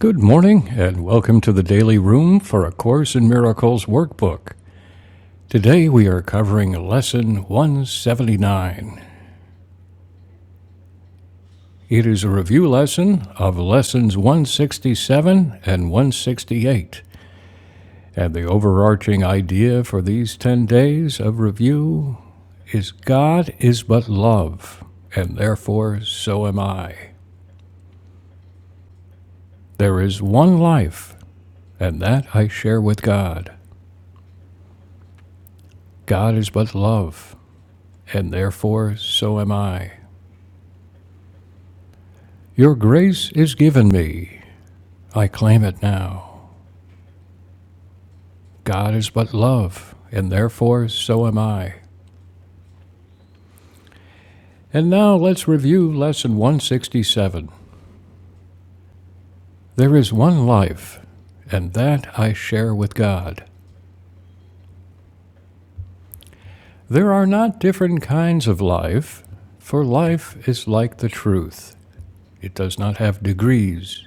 Good morning, and welcome to the Daily Room for A Course in Miracles workbook. Today we are covering Lesson 179. It is a review lesson of Lessons 167 and 168, and the overarching idea for these 10 days of review is God is but love, and therefore so am I. There is one life, and that I share with God. God is but love, and therefore so am I. Your grace is given me. I claim it now. God is but love, and therefore so am I. And now let's review Lesson 167. There is one life, and that I share with God. There are not different kinds of life, for life is like the truth. It does not have degrees.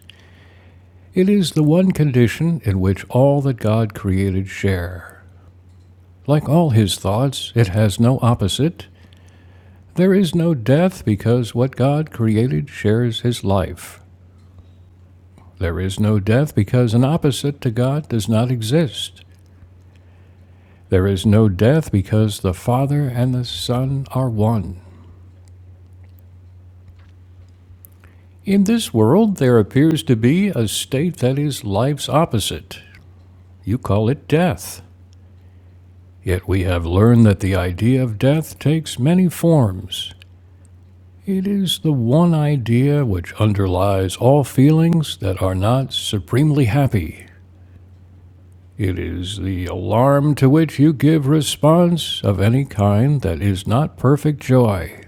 It is the one condition in which all that God created share. Like all his thoughts, it has no opposite. There is no death because what God created shares his life. There is no death because an opposite to God does not exist. There is no death because the Father and the Son are one. In this world, there appears to be a state that is life's opposite. You call it death. Yet we have learned that the idea of death takes many forms. It is the one idea which underlies all feelings that are not supremely happy. It is the alarm to which you give response of any kind that is not perfect joy.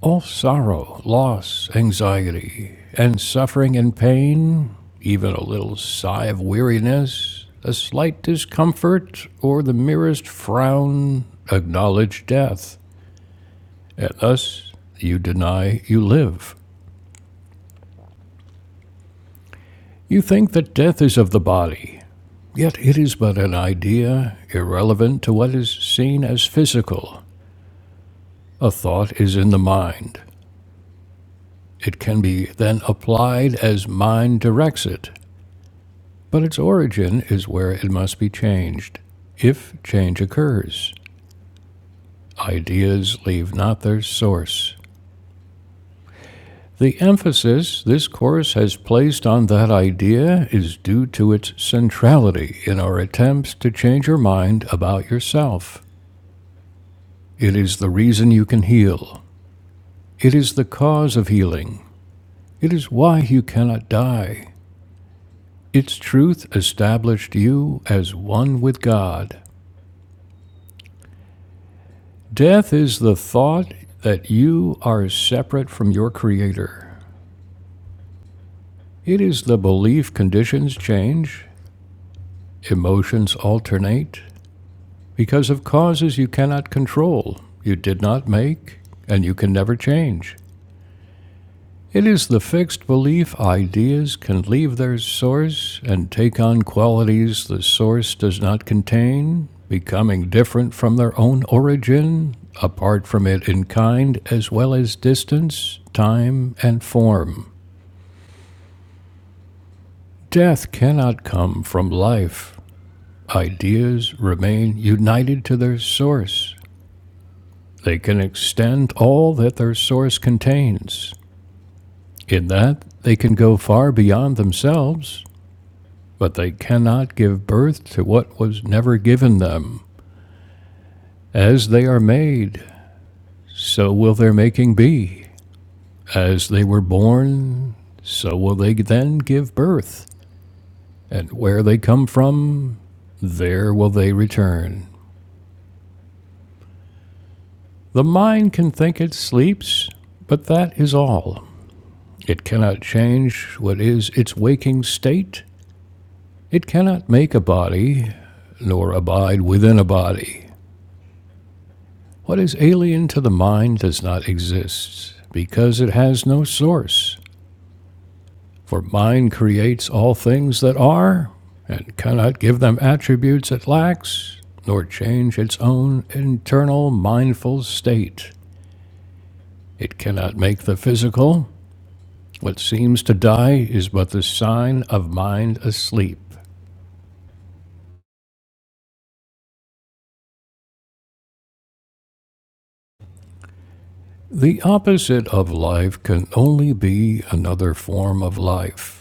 All sorrow, loss, anxiety, and suffering and pain, even a little sigh of weariness, a slight discomfort, or the merest frown, acknowledge death, and thus you deny you live. You think that death is of the body, yet it is but an idea, irrelevant to what is seen as physical. A thought is in the mind. It can be then applied as mind directs it, but its origin is where it must be changed, if change occurs. Ideas leave not their source. The emphasis this course has placed on that idea is due to its centrality in our attempts to change your mind about yourself. It is the reason you can heal. It is the cause of healing. It is why you cannot die. Its truth established you as one with God. Death is the thought that you are separate from your Creator. It is the belief conditions change, emotions alternate, because of causes you cannot control, you did not make, and you can never change. It is the fixed belief ideas can leave their source and take on qualities the source does not contain, becoming different from their own origin, apart from it in kind as well as distance, time, and form. Death cannot come from life. Ideas remain united to their source. They can extend all that their source contains. In that, they can go far beyond themselves but they cannot give birth to what was never given them. As they are made, so will their making be. As they were born, so will they then give birth. And where they come from, there will they return. The mind can think it sleeps, but that is all. It cannot change what is its waking state. It cannot make a body, nor abide within a body. What is alien to the mind does not exist, because it has no source. For mind creates all things that are, and cannot give them attributes it lacks, nor change its own internal mindful state. It cannot make the physical. What seems to die is but the sign of mind asleep. The opposite of life can only be another form of life.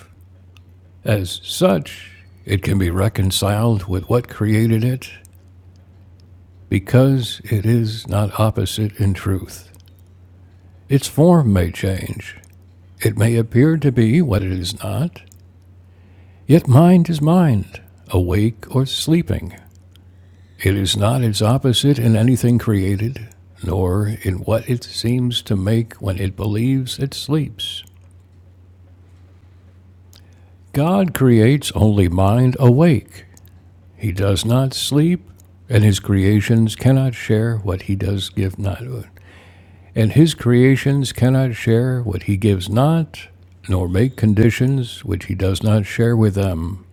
As such, it can be reconciled with what created it because it is not opposite in truth. Its form may change. It may appear to be what it is not, yet mind is mind, awake or sleeping. It is not its opposite in anything created, nor in what it seems to make when it believes it sleeps. God creates only mind awake He does not sleep, and his creations cannot share what he does give not. And his creations cannot share what he gives not, nor make conditions which he does not share with them.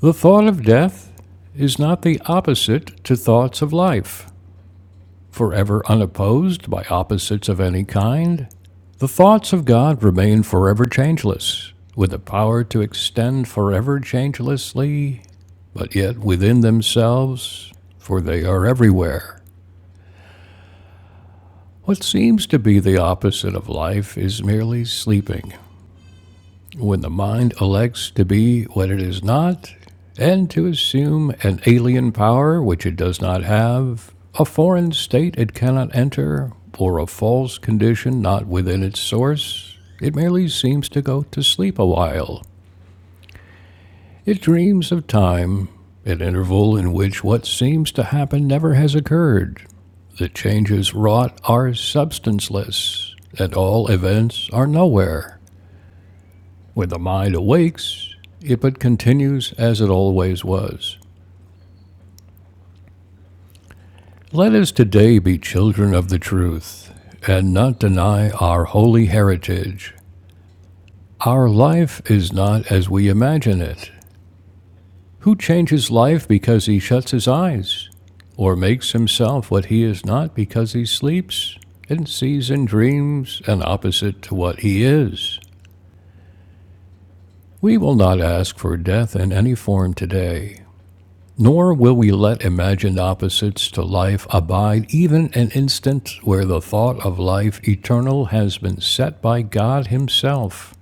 The thought of death is not the opposite to thoughts of life. forever unopposed by opposites of any kind, the thoughts of God remain forever changeless, with the power to extend forever changelessly, but yet within themselves, for they are everywhere. What seems to be the opposite of life is merely sleeping. when the mind elects to be what it is not, and to assume an alien power which it does not have, a foreign state it cannot enter, or a false condition not within its source, it merely seems to go to sleep a while. It dreams of time, an interval in which what seems to happen never has occurred. The changes wrought are substanceless, and all events are nowhere. When the mind awakes, it but continues as it always was. Let us today be children of the truth and not deny our holy heritage. Our life is not as we imagine it. Who changes life because he shuts his eyes, or makes himself what he is not because he sleeps and sees in dreams an opposite to what he is? We will not ask for death in any form today. Nor will we let imagined opposites to life abide even an instant where the thought of life eternal has been set by God Himself.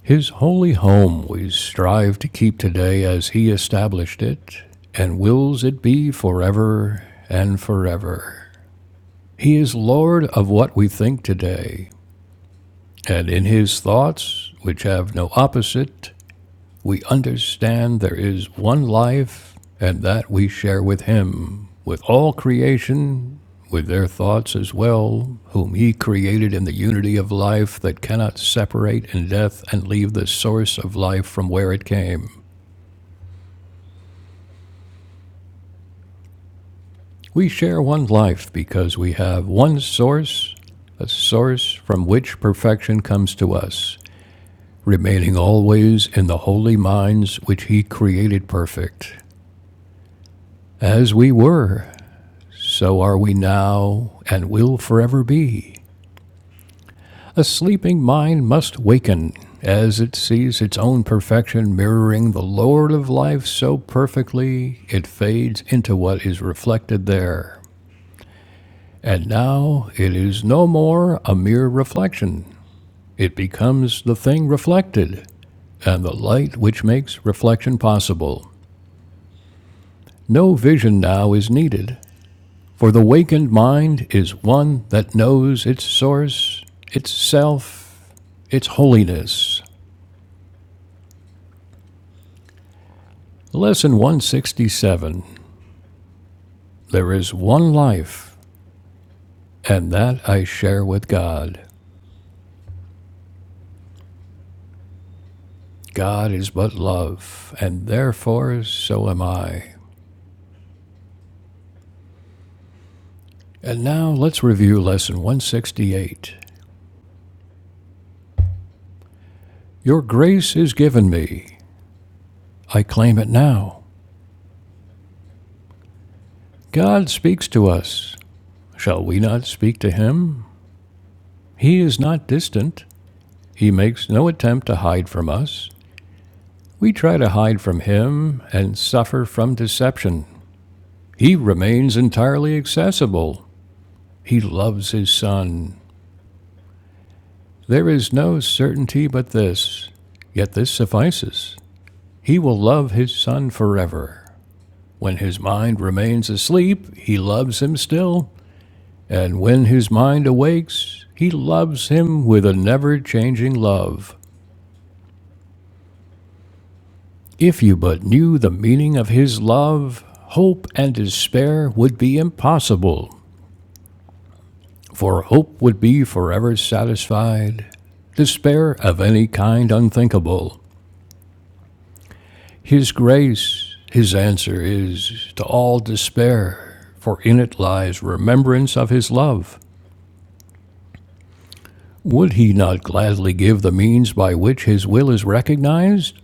His holy home we strive to keep today as He established it, and wills it be forever and forever. He is Lord of what we think today, and in His thoughts, which have no opposite, We understand there is one life, and that we share with Him, with all creation, with their thoughts as well, whom He created in the unity of life that cannot separate in death and leave the source of life from where it came. We share one life because we have one source, a source from which perfection comes to us, remaining always in the holy minds which He created perfect. As we were, So are we now, and will forever be. A sleeping mind must waken as it sees its own perfection mirroring the Lord of life so perfectly it fades into what is reflected there. And now it is no more a mere reflection. It becomes the thing reflected, and the light which makes reflection possible. No vision now is needed, For the wakened mind is one that knows its source, its self, its holiness. Lesson 167 There is one life, and that I share with God. God is but love, and therefore so am I. And now let's review Lesson 168. Your grace is given me. I claim it now. God speaks to us. Shall we not speak to him? He is not distant. He makes no attempt to hide from us. We try to hide from him and suffer from deception. He remains entirely accessible. He loves his Son. There is no certainty but this. Yet this suffices. He will love his Son forever. When his mind remains asleep, he loves him still. And when his mind awakes, he loves him with a never changing love. If you but knew the meaning of his love, hope and despair would be impossible, for hope would be forever satisfied, despair of any kind unthinkable. His grace, his answer is to all despair, for in it lies remembrance of his love. Would he not gladly give the means by which his will is recognized?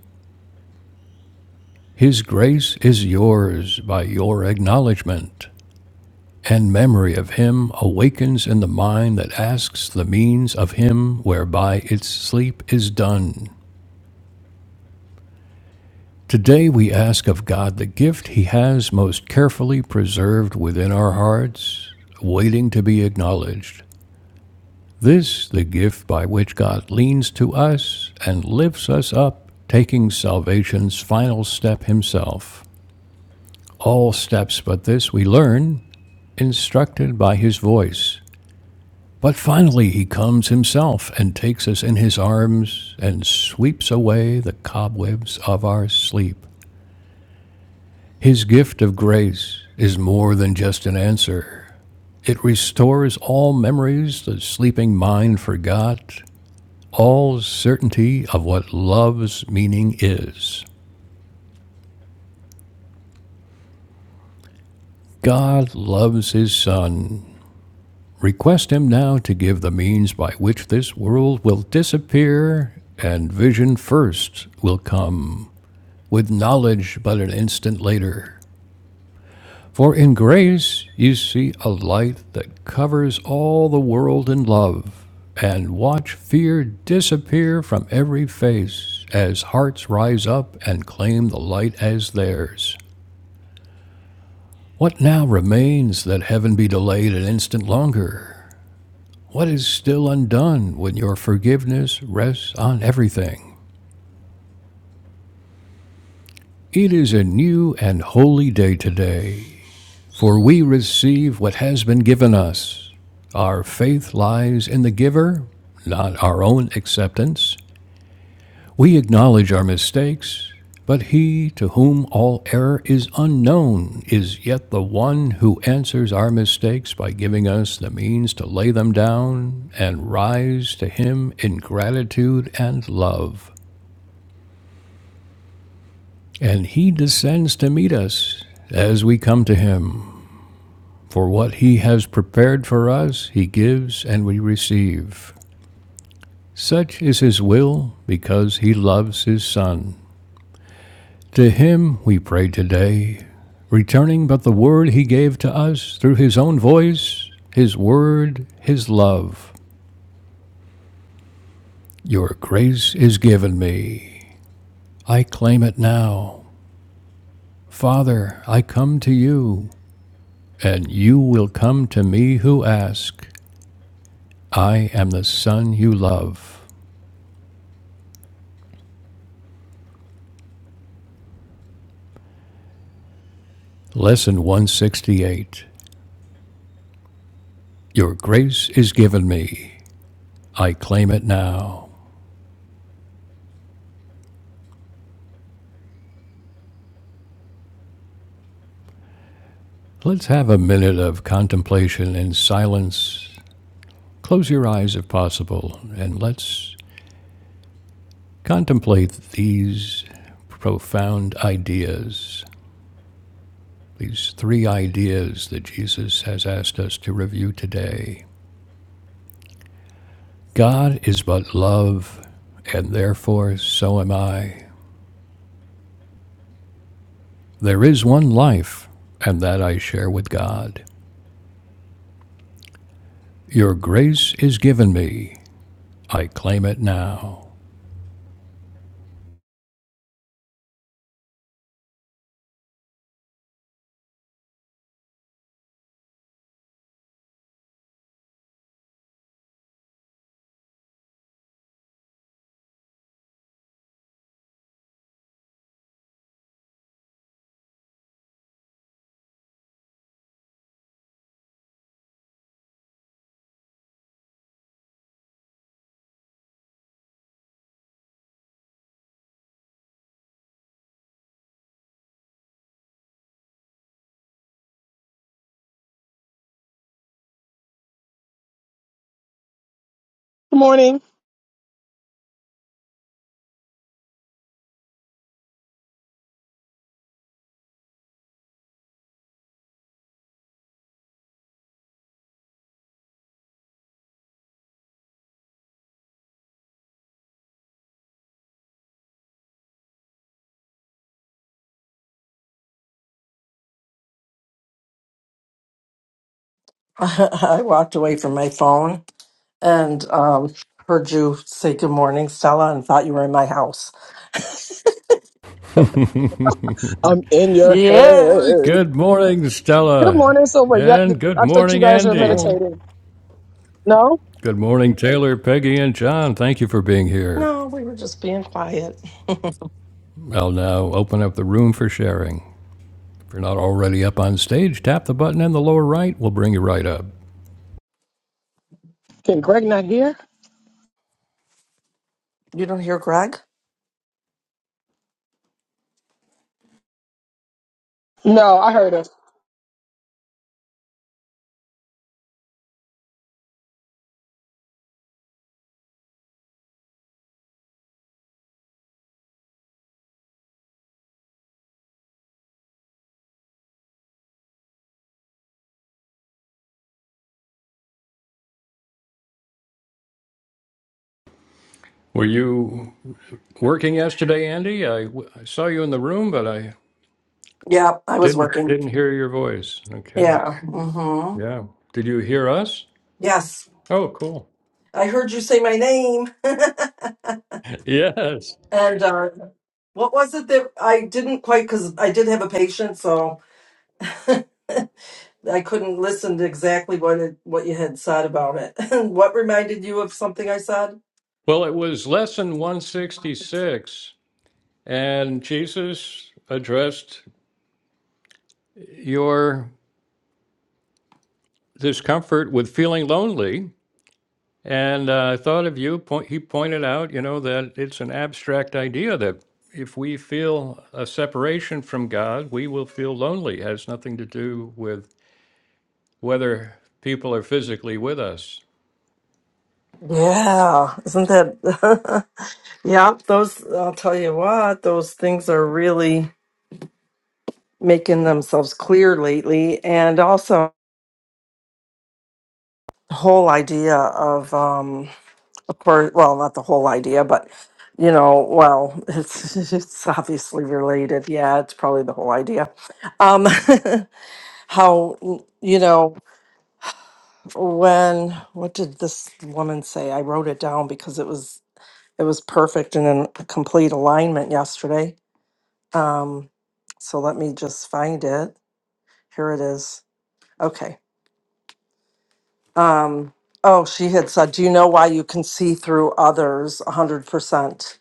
His grace is yours by your acknowledgment. and memory of him awakens in the mind that asks the means of him whereby its sleep is done. Today we ask of God the gift he has most carefully preserved within our hearts, waiting to be acknowledged. This, the gift by which God leans to us and lifts us up, taking salvation's final step himself. All steps but this we learn, instructed by his voice. But finally he comes himself and takes us in his arms and sweeps away the cobwebs of our sleep. His gift of grace is more than just an answer. It restores all memories the sleeping mind forgot, all certainty of what love's meaning is. God loves his Son. Request him now to give the means by which this world will disappear and vision first will come. with knowledge but an instant later. For in grace you see a light that covers all the world in love, and watch fear disappear from every face as hearts rise up and claim the light as theirs. What now remains that heaven be delayed an instant longer? What is still undone when your forgiveness rests on everything? It is a new and holy day today For we receive what has been given us. Our faith lies in the giver, not our own acceptance. We acknowledge our mistakes, but he to whom all error is unknown is yet the one who answers our mistakes by giving us the means to lay them down and rise to him in gratitude and love. And he descends to meet us as we come to him. For what he has prepared for us, he gives and we receive. Such is his will, because he loves his Son. To him we pray today, returning but the word he gave to us through his own voice, his word, his love. Your grace is given me. I claim it now. Father, I come to you, and you will come to me who ask. I am the Son you love. Lesson 168 Your grace is given me. I claim it now. Let's have a minute of contemplation in silence. Close your eyes if possible, and let's contemplate these profound ideas, these three ideas that Jesus has asked us to review today. God is but love, and therefore so am I. There is one life, and that I share with God. Your grace is given me. I claim it now. Good morning. I walked away from my phone and um, heard you say good morning, Stella, and thought you were in my house. I'm in your Yeah. head. Good morning, Good Stella. morning. So what? Yeah, And good I thought you morning, guys were Andy. Morning. meditating. No? Good morning, Taylor, Peggy, and John. Thank you for being here. No, we were just being quiet. I'll now open up the room for sharing. If you're not already up on stage, tap the button in the lower right. We'll bring you right up. Can Greg not hear? You don't hear Greg? No, I heard her. Were you working yesterday, Andy? I I saw you in the room, but I Yeah, I was didn't working. didn't hear your voice. Okay. Yeah. Mm-hmm. Yeah. Did you hear us? Yes, Oh, cool. I heard you say my name. Yes. and uh, what was it that I didn't quite, because I did have a patient, so. I couldn't listen to exactly what it, what you had said about it. what reminded you of something I said? Well, it was lesson 166, and Jesus addressed your discomfort with feeling lonely. And uh, I thought of you, point, he pointed out, you know, that it's an abstract idea that if we feel a separation from God, we will feel lonely. It has nothing to do with whether people are physically with us. Yeah, isn't that? yeah, those, I'll tell you what, those things are really making themselves clear lately. And also, the whole idea of, um, of course, well, not the whole idea, but you know, well, it's it's obviously related. Yeah, it's probably the whole idea. Um, how you know when? What did this woman say? I wrote it down because it was It was perfect and in complete alignment yesterday. Um, so let me just find it. Here it is. Okay. Um, oh, she had said, Do you know why you can see through others 100%?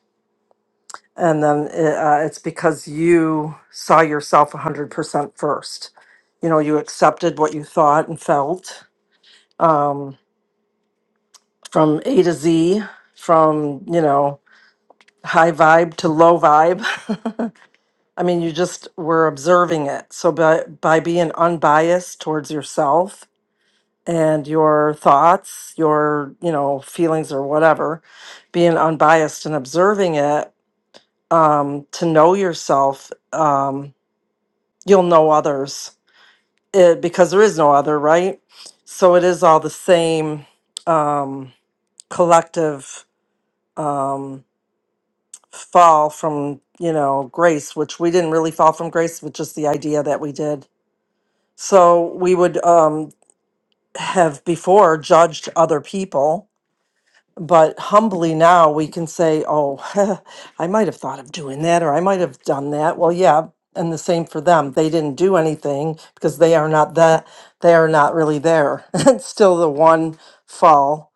And then uh, uh, it's because you saw yourself 100% first. You know, you accepted what you thought and felt um, from A to Z, from, you know, high vibe to low vibe. I mean, you just were observing it. So by by being unbiased towards yourself and your thoughts, your, you know, feelings or whatever, being unbiased and observing it, um, to know yourself, um, you'll know others. It, because there is no other, right? So it is all the same um collective um fall from, you know, grace, which we didn't really fall from grace, but just the idea that we did So we would um, have before judged other people, but humbly now we can say, oh, I might have thought of doing that or I might have done that. Well, yeah. And the same for them. They didn't do anything because they are not that, they are not really there. it's still the one fall,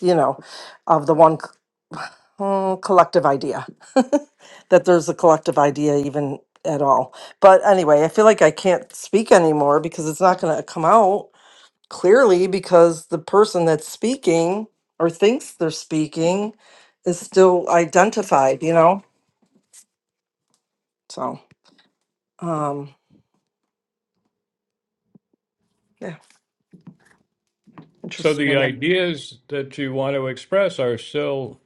you know, of the one c- mm, collective idea that there's a collective idea even at all. But anyway, I feel like I can't speak anymore because it's not going to come out Clearly, because the person that's speaking or thinks they're speaking is still identified, you know? So, um, yeah, So the interesting. Mhm. ideas that you want to express are still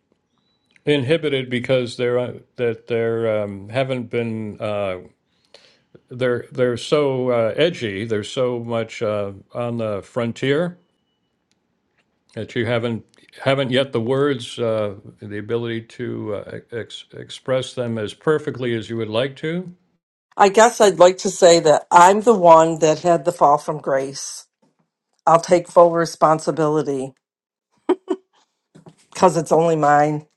inhibited because they're uh, that they're um, haven't been uh, they're they're so uh, edgy. There's so much uh, on the frontier that you haven't haven't yet the words uh, the ability to uh, ex- express them as perfectly as you would like to. I guess I'd like to say that I'm the one that had the fall from grace. I'll take full responsibility because it's only mine,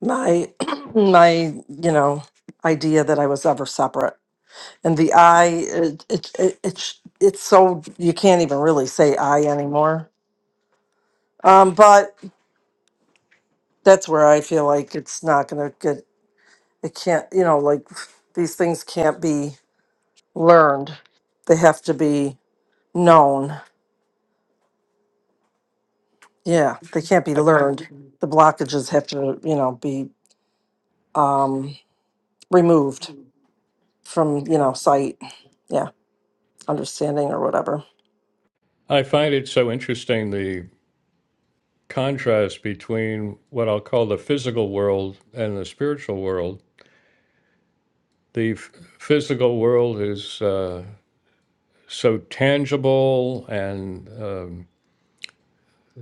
my, my, you know, idea that I was ever separate. And the I, it, it, it, it's it's so, you can't even really say I anymore. Um, but that's where I feel like it's not going to get, it can't, you know, like these things can't be learned. They have to be known. Yeah, they can't be learned. The blockages have to, you know, be um, removed from, you know, sight. Yeah, understanding or whatever. I find it so interesting the contrast between what I'll call the physical world and the spiritual world. The f- physical world is uh, so tangible and um,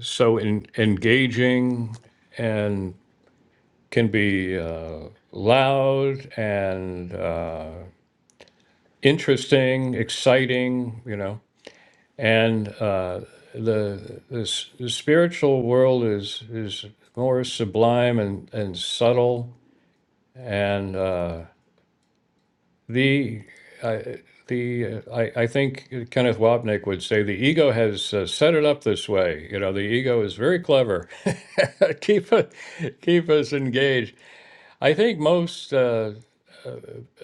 so en- engaging and can be uh, loud and uh, interesting, exciting, you know. And uh, the, the s- the spiritual world is is more sublime and and subtle and. Uh, The uh, the uh, I, I think Kenneth Wapnick would say the ego has uh, set it up this way. You know, the ego is very clever. keep it, keep us engaged. I think most uh,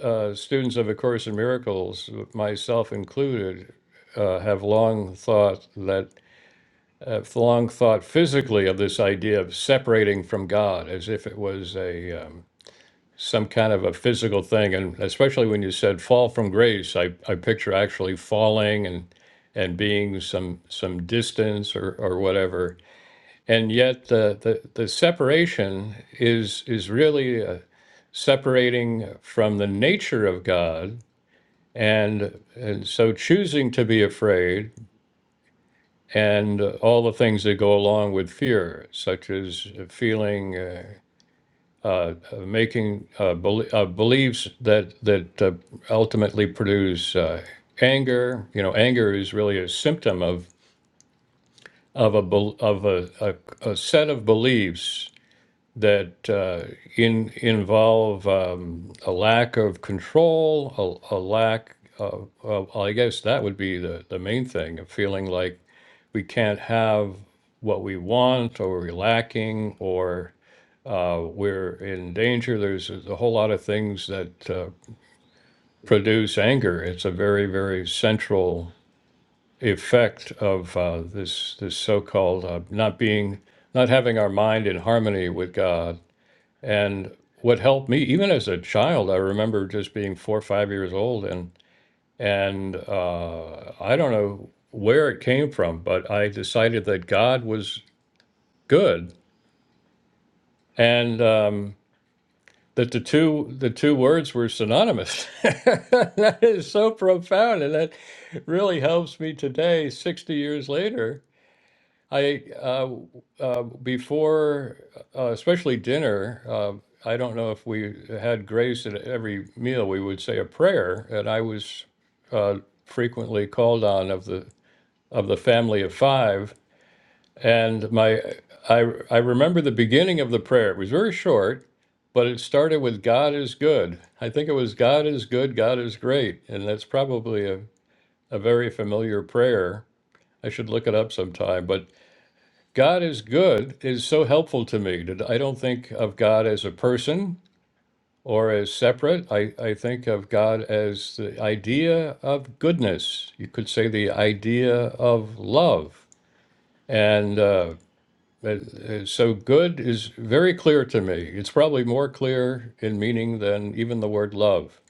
uh, students of A Course in Miracles, myself included, uh, have long thought that have long thought physically of this idea of separating from God, as if it was a um, some kind of a physical thing. And especially when you said fall from grace, I, I picture actually falling and and being some some distance or, or whatever. And yet the, the, the separation is is really uh, separating from the nature of God. And, and so choosing to be afraid and all the things that go along with fear, such as feeling uh, uh, uh, making uh, bel uh, beliefs that that uh, ultimately produce uh, anger. You know, anger is really a symptom of of a bel- of a, a, a set of beliefs that uh, in involve um, a lack of control, a, a lack. Of, of, well, I guess that would be the the main thing of feeling like we can't have what we want, or we're lacking, or uh, we're in danger. There's a a whole lot of things that uh, produce anger. It's a very, very central effect of uh, this this so-called uh, not being, not having our mind in harmony with God. And what helped me, even as a child, I remember just being four or five years old, and and uh, I don't know where it came from, but I decided that God was good, and um, that the two the two words were synonymous. that is so profound, and that really helps me today, sixty years later. I uh, uh, before, uh, especially dinner. Uh, I don't know if we had grace at every meal. We would say a prayer, and I was uh, frequently called on of the of the family of five and my I I remember the beginning of the prayer. It was very short, but it started with God is good. I think it was God is good, God is great. And that's probably a, a very familiar prayer. I should look it up sometime, but God is good is so helpful to me. that I don't think of God as a person or as separate. I, I think of God as the idea of goodness. You could say the idea of love. And uh, That- uh, So good is very clear to me. It's probably more clear in meaning than even the word love.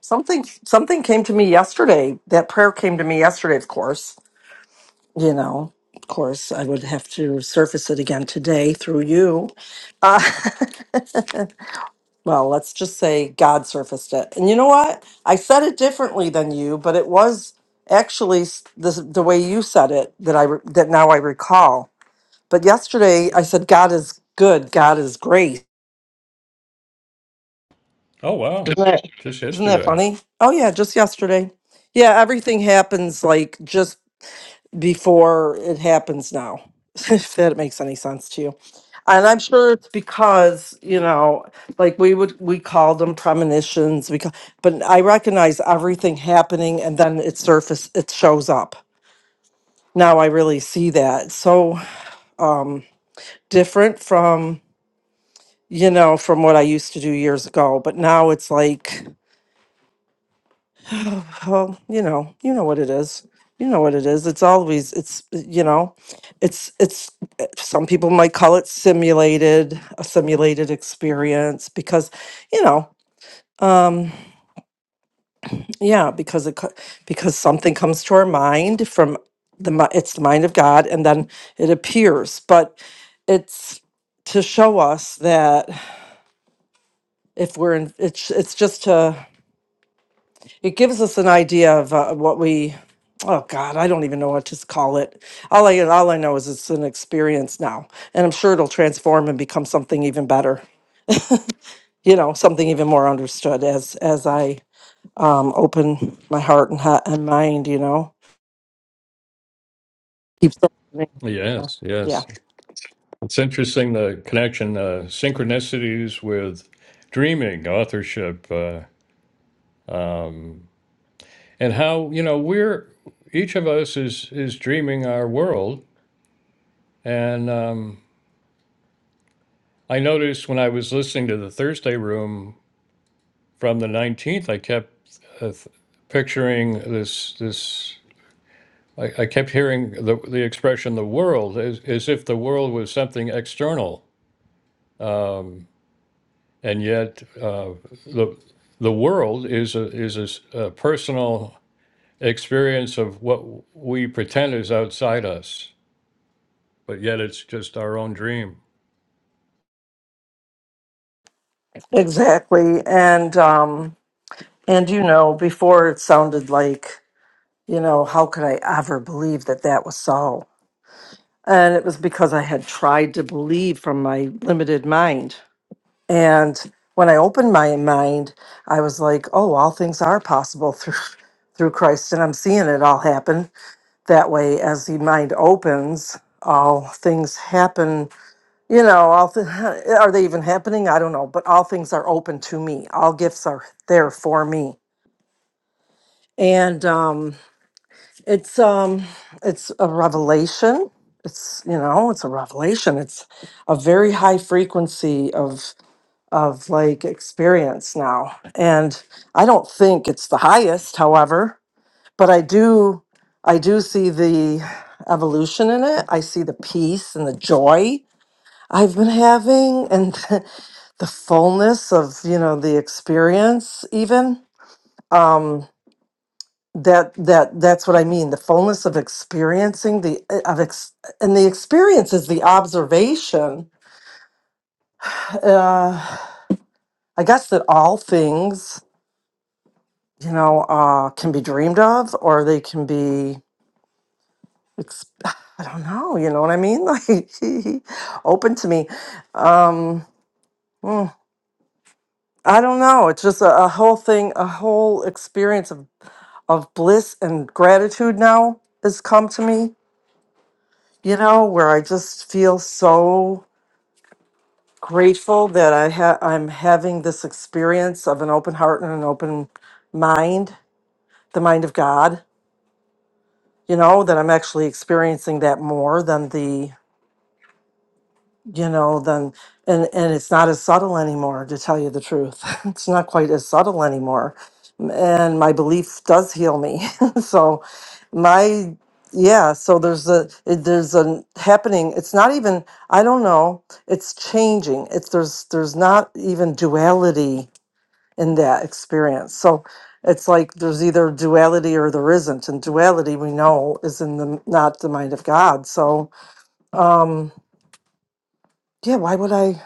Something, something came to me yesterday. That prayer came to me yesterday, of course. You know, of course, I would have to surface it again today through you. Uh, well, let's just say God surfaced it. And you know what? I said it differently than you, but it was actually s- the, the way you said it that I re- that now I recall. But yesterday I said God is good, God is grace. Oh, wow. Isn't that, Just isn't that yesterday. funny? Oh yeah, just yesterday. Yeah, everything happens like just before it happens now, if that makes any sense to you. And I'm sure it's because, you know, like we would, we called them premonitions, we, ca- but I recognize everything happening and then it surface, it shows up. Now I really see that. It's So, um, different from, you know, from what I used to do years ago, but now it's like, Oh, you know, you know what it is. You know what it is. It's always it's you know, it's it's eh, some people might call it simulated, a simulated experience because, you know, um yeah, because it co- because something comes to our mind from the mi- it's the mind of God and then it appears, but it's to show us that if we're in it's it's just to it gives us an idea of uh, what we oh god i don't even know what to s- call it all i all i know is it's an experience now and i'm sure it'll transform and become something even better you know something even more understood as as i um open my heart and heart and mind you know keeps opening Yes, yeah yes. It's interesting the connection, uh, synchronicities with dreaming, authorship, uh, um, and how, you know, we're each of us is is dreaming our world. And um, I noticed when I was listening to the Thursday room from the 19th, I kept uh, th- picturing this this. I, I kept hearing the the expression "the world" as, as if the world was something external, um, and yet uh, the the world is a is a, s- a personal experience of what we pretend is outside us, but yet it's just our own dream. exactly and um and you know before it sounded like you know how could i ever believe that that was so And it was because I had tried to believe from my limited mind. And when I opened my mind, I was like, oh, all things are possible through through Christ. And I'm seeing it all happen that way as the mind opens, all things happen. You know, all th- are they even happening? I don't know, but all things are open to me. All gifts are there for me. And um It's um it's a revelation. It's you know, it's a revelation. It's a very high frequency of of like experience now. And I don't think it's the highest, however, but I do I do see the evolution in it. I see the peace and the joy I've been having and the fullness of, you know, the experience even. Um, that that that's what i mean the fullness of experiencing the eh, of ex, and the experience is the observation uh i guess that all things you know uh can be dreamed of or they can be ex- i don't know you know what i mean like open to me um mm, i don't know it's just a, a whole thing a whole experience of of bliss and gratitude now has come to me you know where i just feel so grateful that I ha- I'm having this experience of an open heart and an open mind, the mind of God, you know, that I'm actually experiencing that more than the, you know, than and and it's not as subtle anymore to tell you the truth. it's not quite as subtle anymore. And my belief does heal me. so my yeah, so there's a it- there's a happening. It's not even I don't know. It's changing. It's there's there's not even duality in that experience. So it's like there's either duality or there isn't. And duality we know is in the not the mind of God. So um yeah, why would I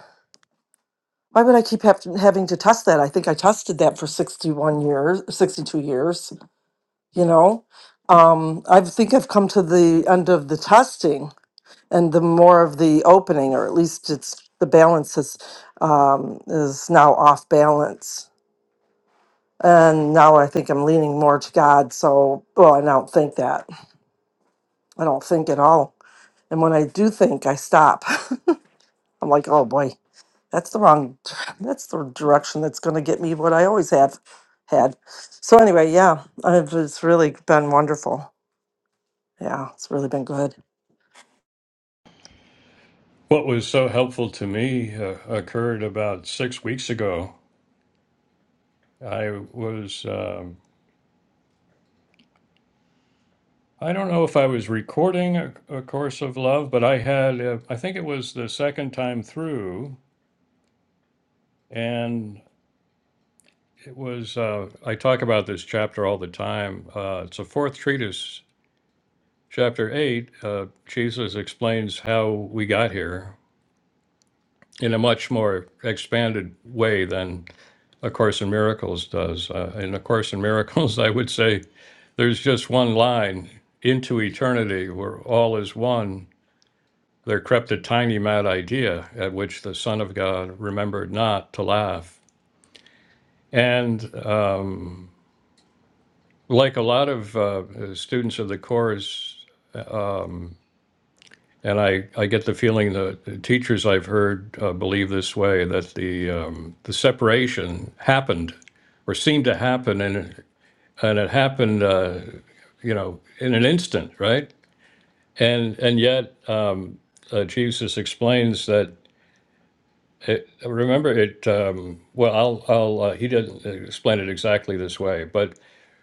why would I keep have having to test that? I think I tested that for 61 years, 62 years, you know. Um I think I've come to the end of the testing and the more of the opening or at least it's the balance is um is now off balance And now I think I'm leaning more to God. So, well, I don't think that. I don't think at all. And when I do think, I stop. I'm like, oh boy, that's the wrong, that's the direction that's going to get me what I always have had. So, anyway, yeah, I've, it's really been wonderful. Yeah, it's really been good. What was so helpful to me uh, occurred about six weeks ago. I was. Um, I don't know if I was recording a, a course of love, but I had, uh, I think it was the second time through, And it was, uh, I talk about this chapter all the time. Uh, it's a fourth treatise, chapter eight. Uh, Jesus explains how we got here in a much more expanded way than A Course in Miracles does. Uh, in A Course in Miracles, I would say there's just one line into eternity where all is one. There crept a tiny mad idea at which the Son of God remembered not to laugh. And um, like a lot of uh, students of the Corps, um, and I, I get the feeling that the teachers I've heard uh, believe this way that the um, the separation happened or seemed to happen, and and it happened, uh, you know, in an instant, right? And and yet, um, uh, Jesus explains that. It, remember it um, well. I'll. I'll. Uh, he didn't explain it exactly this way, but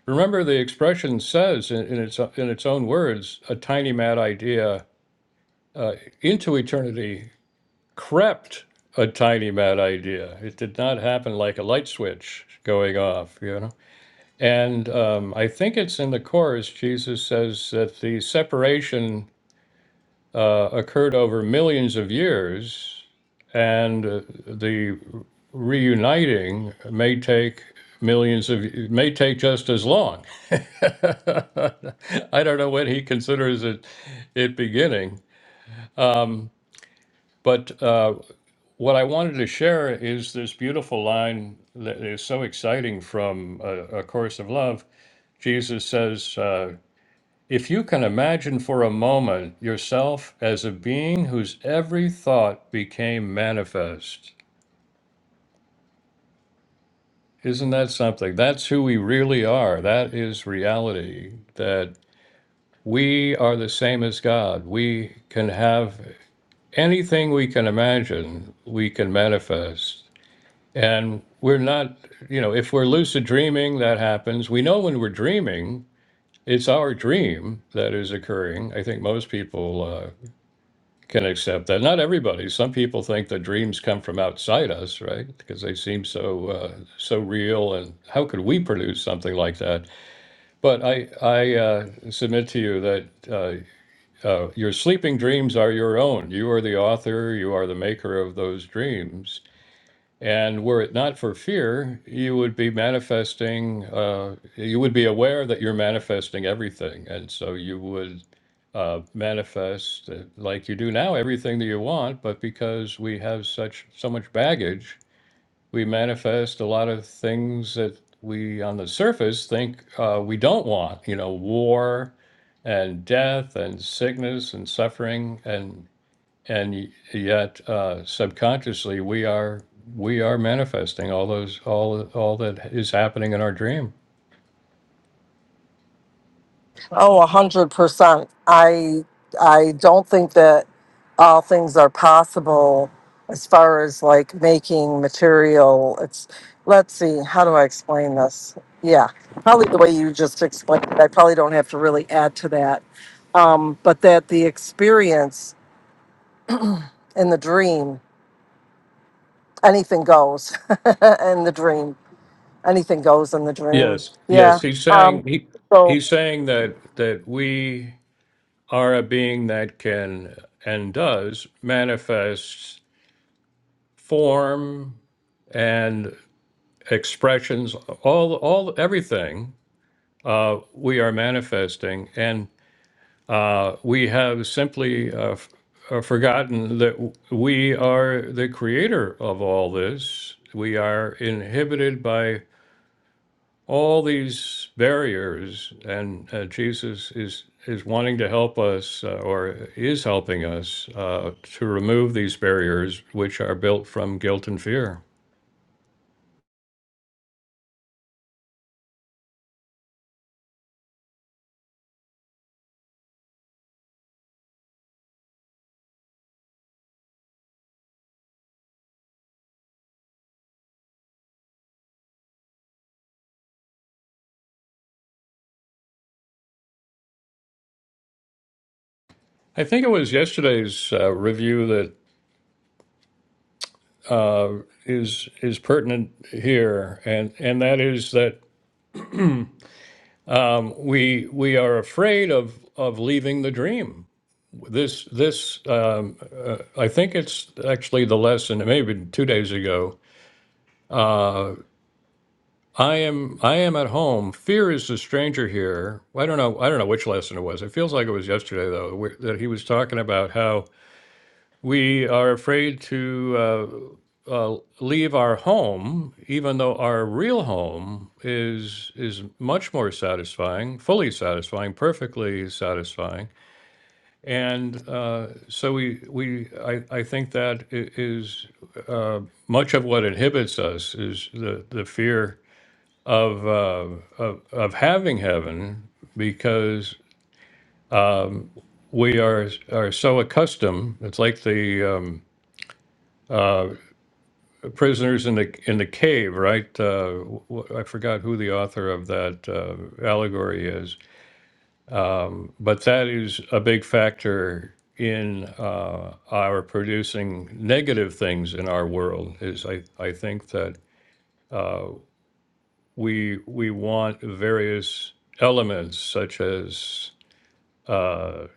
Remember, the expression says in, in its in its own words, a tiny mad idea uh, into eternity crept a tiny mad idea. It did not happen like a light switch going off, you know. And um, I think it's in the chorus. Jesus says that the separation uh, occurred over millions of years, and uh, the reuniting may take millions of it may take just as long. I don't know when he considers it it beginning, but uh, what I wanted to share is this beautiful line that is so exciting from a, a Course of Love. Jesus says. Uh, if you can imagine for a moment yourself as a being whose every thought became manifest, Isn't that something? That's who we really are. That is reality. That we are the same as God. We can have anything we can imagine, we can manifest. And we're not, you know, if we're lucid dreaming, that happens. We know when we're dreaming, it's our dream that is occurring. I think most people uh, can accept that. Not everybody. Some people think that dreams come from outside us, right? Because they seem so uh, so real. And how could we produce something like that? But I, I uh, submit to you that uh, uh, your sleeping dreams are your own. You are the author, you are the maker of those dreams. And were it not for fear, you would be manifesting, uh, you would be aware that you're manifesting everything. And so you would uh, manifest, uh, like you do now, everything that you want. But because we have such so much baggage, we manifest a lot of things that we on the surface think uh, we don't want you know war and death and sickness and suffering and and yet uh, subconsciously we are we are manifesting all those all all that is happening in our dream Oh, a hundred percent. I I don't think that all things are possible as far as like making material. It's let's see, how do I explain this? Yeah, probably the way you just explained it. I probably don't have to really add to that. Um, but that the experience in the dream, anything goes in the dream. Anything goes in the dream. yes yes Yeah. he's Um, saying he so he's saying that that we are a being that can and does manifest form and expressions, all, all, everything uh, we are manifesting, and uh, we have simply uh, f- uh, forgotten that w- we are the creator of all this. We are inhibited by all these barriers, and uh, Jesus is is wanting to help us, uh, or is helping us, uh, to remove these barriers, which are built from guilt and fear. I think it was yesterday's uh, review is is pertinent here, and and that is that um, we we are afraid of of leaving the dream. This this um, I think it's actually the lesson. Maybe two days ago, I am I am at home. Fear is the stranger here. I don't know I don't know which lesson it was. It feels like it was yesterday though, where, that he was talking about how we are afraid to. uh, leave our home, even though our real home is is much more satisfying, fully satisfying, perfectly satisfying. And uh, so we we I, I think that i- is much of what inhibits us is the the fear of uh, of, of having heaven because we are are so accustomed. It's like the um, uh, The Prisoners in the in the Cave, right? Uh, wh- I forgot who the author of that uh, allegory is, um, but that is a big factor in uh, our producing negative things in our world. Is I I think that uh, we we want various elements such as uh,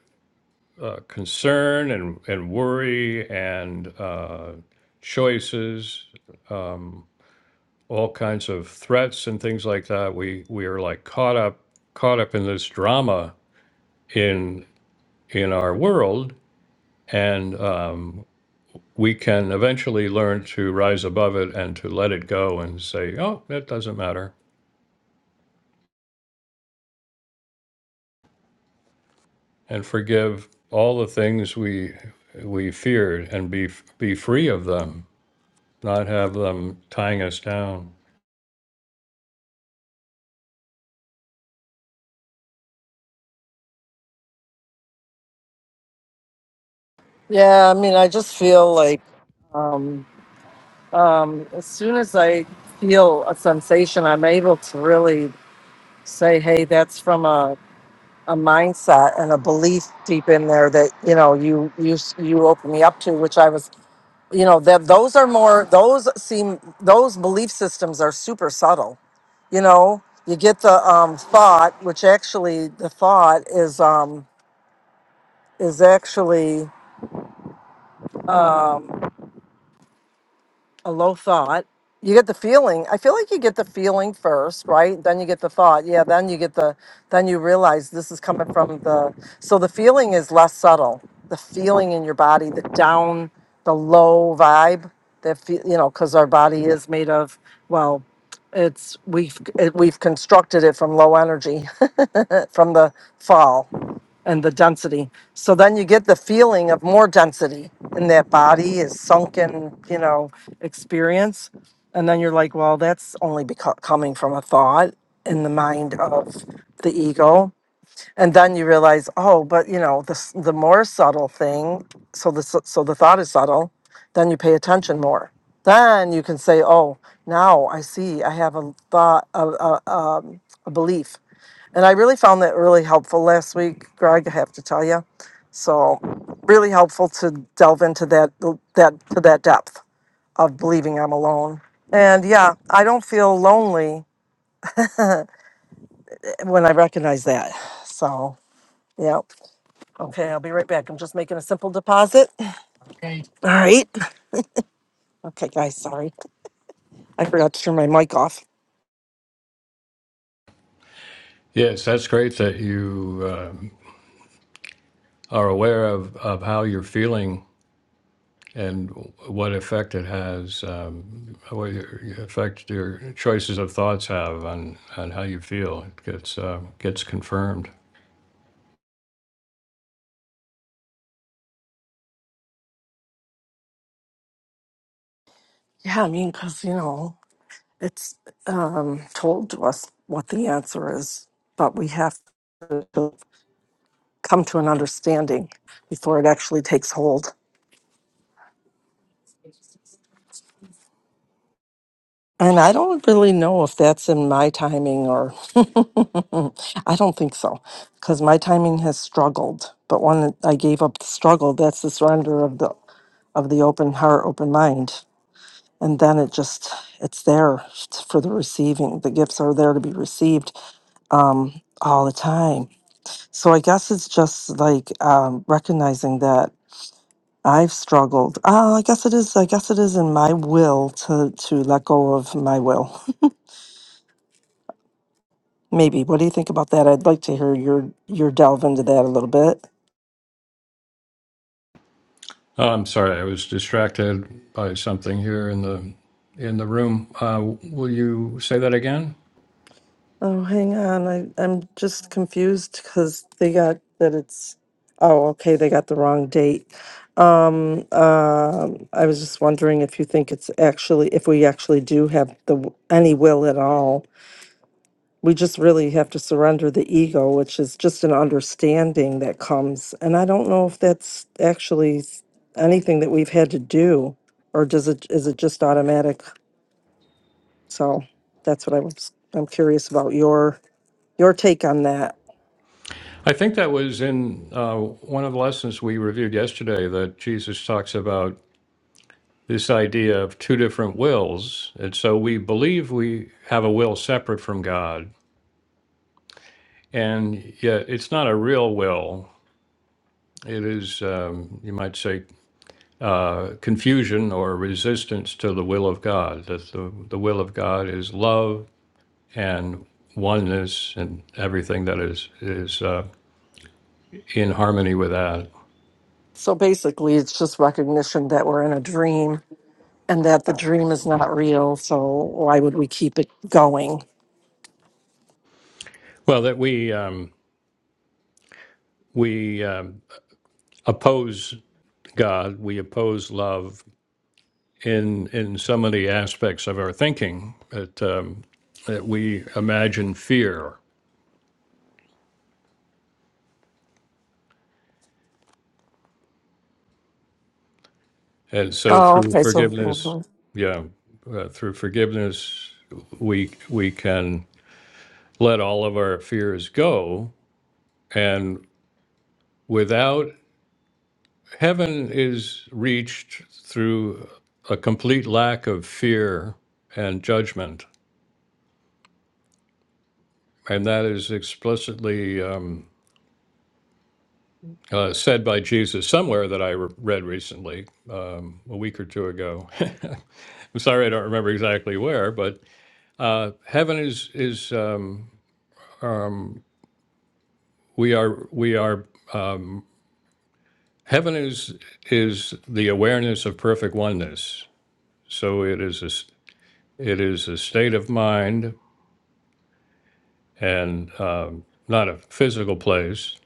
uh, concern and and worry and uh, choices Um, all kinds of threats and things like that. We we are like caught up caught up in this drama in in our world, and um, we can eventually learn to rise above it and to let it go and say, "Oh, that doesn't matter," and forgive all the things we we feared and be be free of them, not have them tying us down. yeah, I mean, I just feel like. Um, um, as soon as I feel a sensation, I'm able to really say, "Hey, that's from a, a mindset and a belief deep in there that you know you you you open me up to." Which I was, you know, that those are more those seem those belief systems are super subtle. You know, you get the um, thought, which actually the thought is um, is actually a low thought. You get the feeling. I feel like you get the feeling first, right? Then you get the thought. Yeah, then you get the then you realize this is coming from the so the feeling is less subtle. The feeling in your body, the down, the low vibe that fe- you know cuz our body is made of well, it's we've it, we've constructed it from low energy from the fall and the density. So then you get the feeling of more density in that body is sunken, you know, experience. And then you're like, well, that's only beco- coming from a thought in the mind of the ego. And then you realize, oh, but you know, the s- the more subtle thing. So the s- so the thought is subtle. Then you pay attention more. Then you can say, oh, now I see. I have a thought, a, a, um, a belief and I really found that really helpful last week, Greg, I have to tell you. So really helpful to delve into that that to that depth of believing I'm alone. And yeah, I don't feel lonely when I recognize that. So yeah. Okay, I'll be right back. I'm just making a simple deposit. Okay. All right. Okay, guys, sorry. I forgot to turn my mic off. Yes, that's great that you um are aware of of how you're feeling and what effect it has, um, what your, your effect your choices of thoughts have on, on how you feel. It gets uh, gets confirmed. Yeah, I mean, because, you know, it's um, told to us what the answer is, but we have to. come to an understanding before it actually takes hold. And I don't really know if that's in my timing or I don't think so because my timing has struggled. But when I gave up the struggle, that's the surrender of the of the open heart, open mind. And then it just it's there for the receiving. The gifts are there to be received um, all the time. So I guess it's just like um, recognizing that I've struggled. Oh, I guess it is. I guess it is in my will to to let go of my will. Maybe. What do you think about that? I'd like to hear your your delve into that a little bit. Oh, I'm sorry, I was distracted by something here in the in the room. Uh, will you say that again? Oh, hang on. I I'm just confused because they got that it's. Oh, okay. They got the wrong date. Um. um, I was just wondering if you think it's actually if we actually do have the w- any will at all we just really have to surrender the ego, which is just an understanding that comes. And I don't know if that's actually s- anything that we've had to do, or does it is it just automatic? So that's what I was. I'm curious about your your take on that. I think that was in uh, one of the lessons we reviewed yesterday that Jesus talks about this idea of two different wills. And so we believe we have a will separate from God, and yet it's not a real will. It is, um, you might say, uh, confusion or resistance to the will of God. That the, the will of God is love and oneness and everything that is is uh, in harmony with that. So basically, it's just recognition that we're in a dream and that the dream is not real. So why would we keep it going? Well, that we um, we um, oppose God, we oppose love in in so many aspects of our thinking that um, that we imagine fear And so Oh, through okay. So forgiveness, mhm. yeah, uh, through forgiveness, we we can let all of our fears go, and without heaven is reached through a complete lack of fear and judgment, and that is explicitly. Um, uh, said by Jesus somewhere that I re- read recently, um, a week or two ago. I'm sorry I don't remember exactly where, but uh, heaven is is um, we are we are heaven is is the awareness of perfect oneness so it is a s- it is a state of mind and um, not a physical place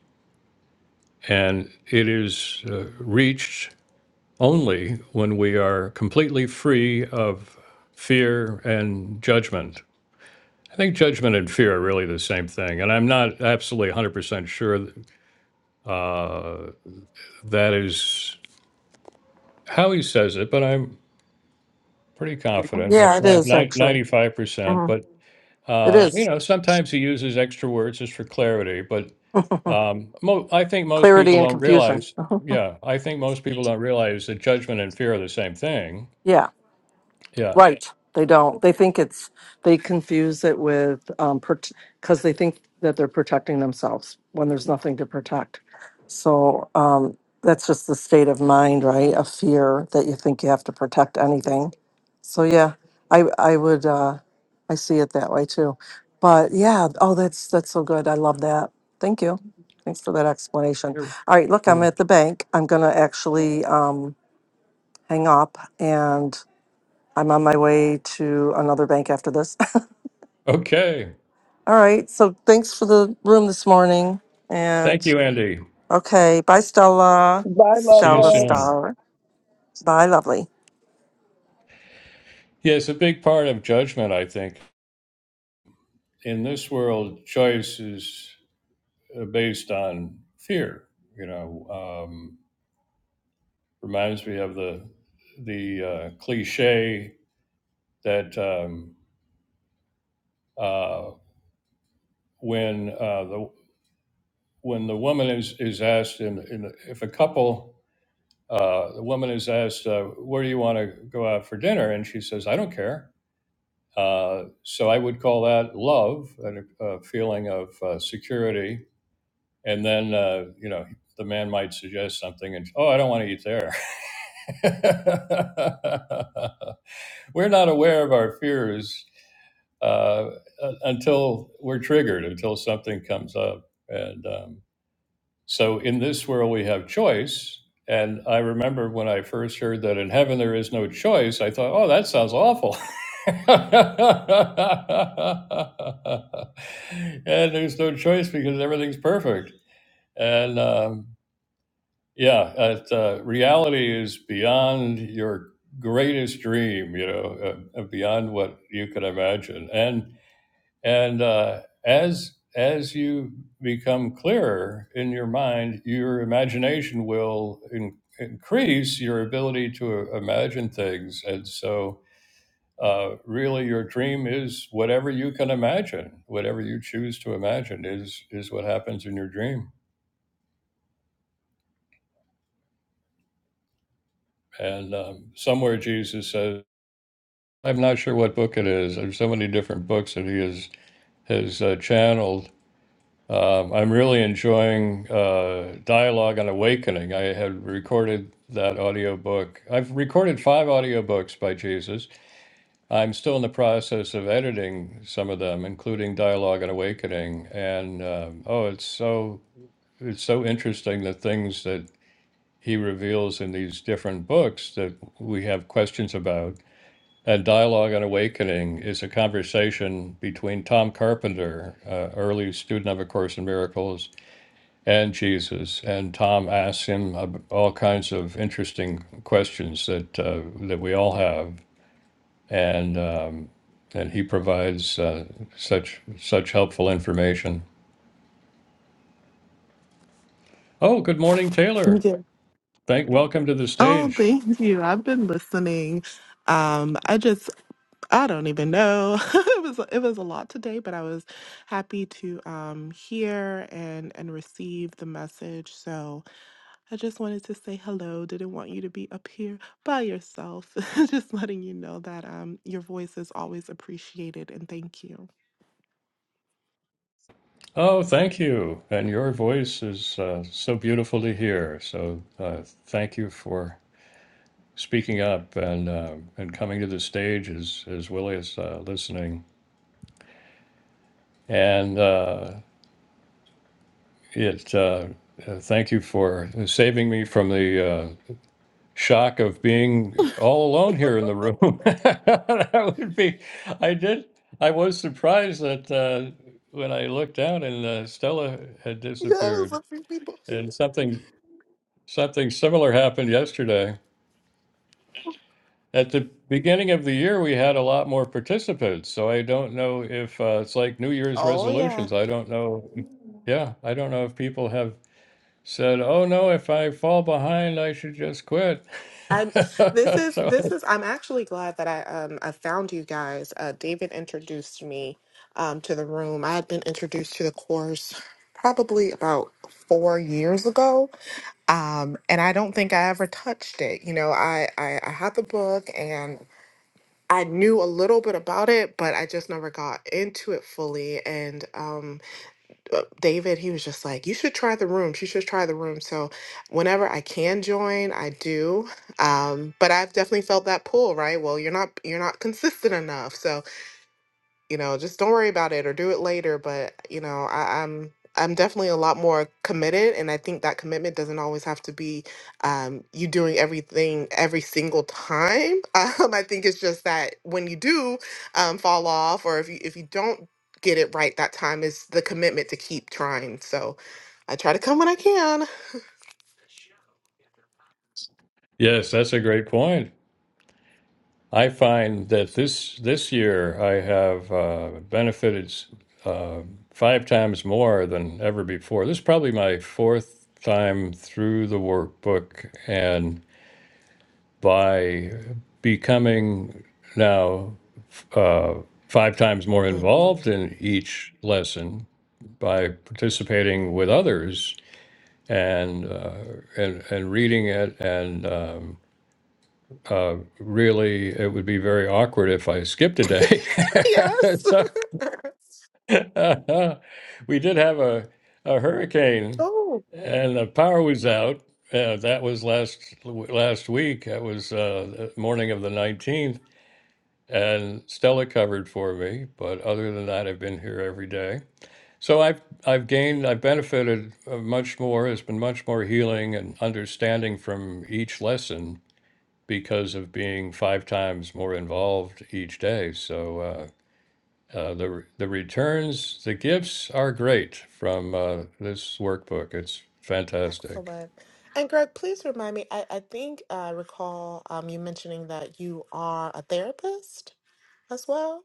and it is uh, reached only when we are completely free of fear and judgment i think judgment and fear are really the same thing and i'm not absolutely 100% sure uh, that is how he says it but i'm pretty confident, yeah, it is actually. ninety-five percent. Mhm. But It uh, you is. know, sometimes he uses extra words just for clarity. But um, mo- I think most clarity people and don't confusion. realize. uh Yeah, I think most people don't realize that judgment and fear are the same thing. Yeah, Yeah. right. They don't. They think it's. They confuse it with um because they think that they're protecting themselves when there's nothing to protect. So um that's just the state of mind, right? Of fear that you think you have to protect anything. So yeah, I I would uh I see it that way too. But yeah, oh that's that's so good. I love that. Thank you. Thanks for that explanation. You're, All right, look, I'm you're... at the bank. I'm gonna actually um hang up and I'm on my way to another bank after this. Okay. All right. So thanks for the room this morning. Thank And you, Andy. okay. Bye, Stella. Bye, love, See you Stella love. soon. Star. Bye, lovely. Yes, a big part of judgment, I think, in this world, choice is uh, based on fear. You know. Um, reminds me of the the uh, cliche that um, uh, when uh, the when the woman is is asked in, in if a couple uh, the woman is asked uh, where do you want to go out for dinner and she says I don't care uh, so I would call that love a, a feeling of uh, security and then uh, you know the man might suggest something and oh I don't want to eat there we're not aware of our fears uh, until we're triggered, until something comes up. And um, so in this world, we have choice. And I remember when I first heard that in heaven there is no choice, I thought, oh, that sounds awful. and there's no choice because everything's perfect. And um, yeah, it, uh, reality is beyond your greatest dream, you know, uh, uh, beyond what you could imagine. And and uh, as as you become clearer in your mind, your imagination will in, increase your ability to imagine things. And so, uh, really, your dream is whatever you can imagine. Whatever you choose to imagine is is what happens in your dream. And um, somewhere Jesus says, I'm not sure what book it is. There's so many different books that he has has uh, channeled Um, I'm really enjoying uh, Dialogue on Awakening. I had recorded that audiobook. I've recorded five audiobooks by Jesus. I'm still in the process of editing some of them, including Dialogue on Awakening. And um, oh, it's so it's so interesting the things that he reveals in these different books that we have questions about. And Dialogue on Awakening is a conversation between Tom Carpenter, uh, early student of A Course in Miracles, and Jesus. And Tom asks him all kinds of interesting questions that uh, that we all have, and um, and he provides uh, such such helpful information. Oh, good morning, Taylor. Yeah. Thank welcome to the Oh, stage. thank you. I've been listening. Um, I just I don't even know. it was it was a lot today, but I was happy to um hear and and receive the message. So I just wanted to say hello. Didn't want you to be up here by yourself. just letting you know that um your voice is always appreciated and thank you. Oh, thank you. And your voice is uh, so beautiful to hear. So uh, thank you for speaking up and uh, and coming to the stage as as well as uh, listening. And uh, It uh, uh, thank you for saving me from the uh, shock of being all alone here in the room. that would be. I did. I was surprised that uh, when I looked down and uh, Stella had Yes, disappeared, a few people. and something something similar happened yesterday. At the beginning of the year, we had a lot more participants, so I don't know if uh, it's like New Year's Oh yeah. resolutions. I don't know. Yeah, I don't know if people have said, "Oh no, if I fall behind, I should just quit." i this is so, this is I'm actually glad that I um I found you guys. Uh David introduced me um to the room. I had been introduced to the course probably about 4 years ago. Um and I don't think I ever touched it. You know, I I, I had the book and I knew a little bit about it, but I just never got into it fully and um, uh, David, he was just like, you should try the rooms. You should try the room. So whenever I can join, I do. Um, but I've definitely felt that pull, right? Well, you're not you're not consistent enough. So you know, just don't worry about it or do it later. But you know, I, I'm I'm definitely a lot more committed, and I think that commitment doesn't always have to be um, you doing everything every single time. Um, I think it's just that when you do um, fall off, or if you if you don't get it right that time, is the commitment to keep trying. So I try to come when I can. yes, that's a great point. I find that this this year I have uh, benefited uh, five times more than ever before. This is probably my fourth time through the workbook, and by becoming now uh, five times more involved Mhm. in each lesson by participating with others and uh, and and reading it and um, uh, really it would be very awkward if I skipped a day. yes. so uh, we did have a, a hurricane oh, and the power was out. Uh, that was last last week. That was uh, the morning of the nineteenth, and Stella covered for me. But other than that, I've been here every day So I've I've gained I've benefited uh, much more. It's been much more healing and understanding from each lesson because of being five times more involved each day. So uh, uh, the the returns, the gifts are great from uh, this workbook. It's fantastic. excellent. And Greg, please remind me. I, I think I recall um, you mentioning that you are a therapist as well.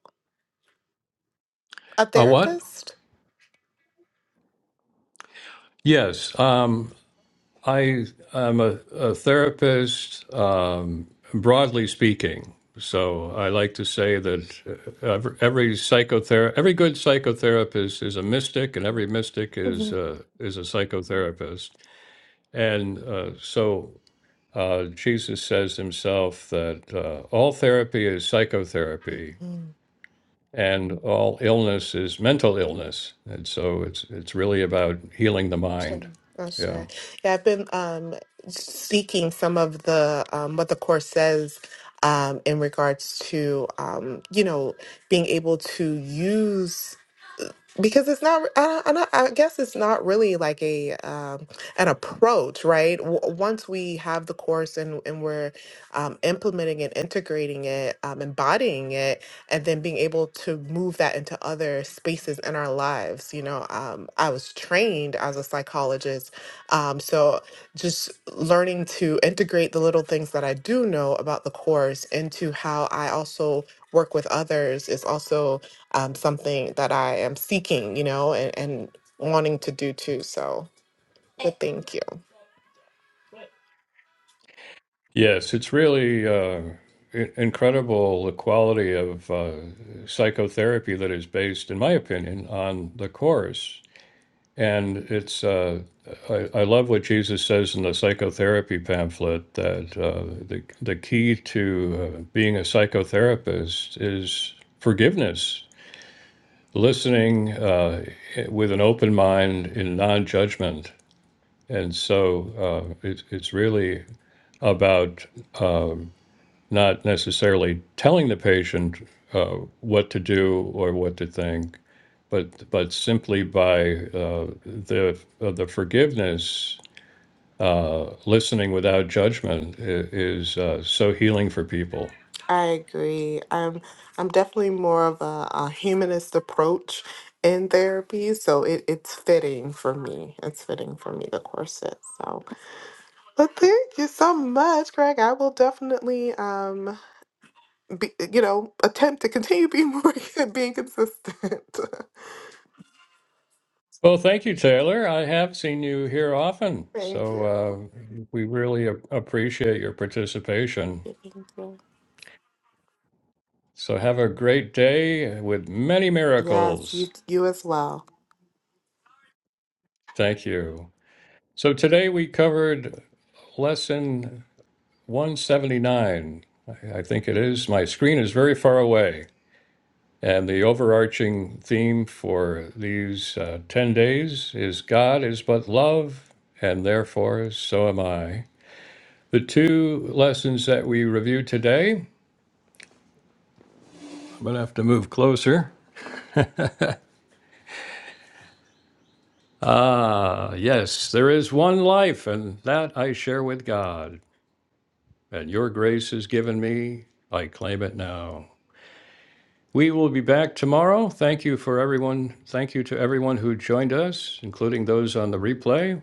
A Uh, what? therapist. Yes. Um, I am a, a therapist, um, broadly speaking. So I like to say that uh, every, every psychotherapist, every good psychotherapist is a mystic, and every mystic is uh, is a psychotherapist. And uh, so uh, Jesus says himself that uh, all therapy is psychotherapy, Mhm. and all illness is mental illness. And so it's it's really about healing the mind. Sorry. Oh, Yeah. sorry. Yeah, I've been um, seeking some of the um, what the course says um, in regards to um, you know being able to use. because it's not I, I, not I guess it's not really like a um, an approach right w- once we have the course and, and we're um, implementing and integrating it um, embodying it and then being able to move that into other spaces in our lives you know um, i was trained as a psychologist um, so just learning to integrate the little things that i do know about the course into how i also work with others is also um, something that I am seeking, you know, and, and wanting to do too. So, but thank you. Yes, it's really uh, i- incredible the quality of uh, psychotherapy that is based, in my opinion, on the Course. And it's, uh, I, I love what Jesus says in the psychotherapy pamphlet that uh, the, the key to uh, being a psychotherapist is forgiveness, listening uh, with an open mind in non judgment. And so uh, it, it's really about uh, not necessarily telling the patient uh, what to do or what to think, but but simply by uh, the uh, the forgiveness, uh, listening without judgment is uh, so healing for people. I agree. I'm I'm definitely more of a, a humanist approach in therapy, so it, it's fitting for me. It's fitting for me the corset. So, but thank you so much, Greg. I will definitely um be, you know attempt to continue being more being consistent. Well, thank you, Taylor. I have seen you here often, thank so you. uh, we really a- appreciate your participation. Thank you. So have a great day with many Yes, miracles. you you as well. Thank you. So today we covered lesson 179, I think it is. My screen is very far away. And the overarching theme for these uh, 10 days is God is but love, and therefore so am I. The two lessons that we review today, I'm going to have to move closer. Uh, yes, there is one life, and that I share with God. And your grace is given me. I claim it now. We will be back tomorrow. Thank you for everyone. Thank you to everyone who joined us, including those on the replay.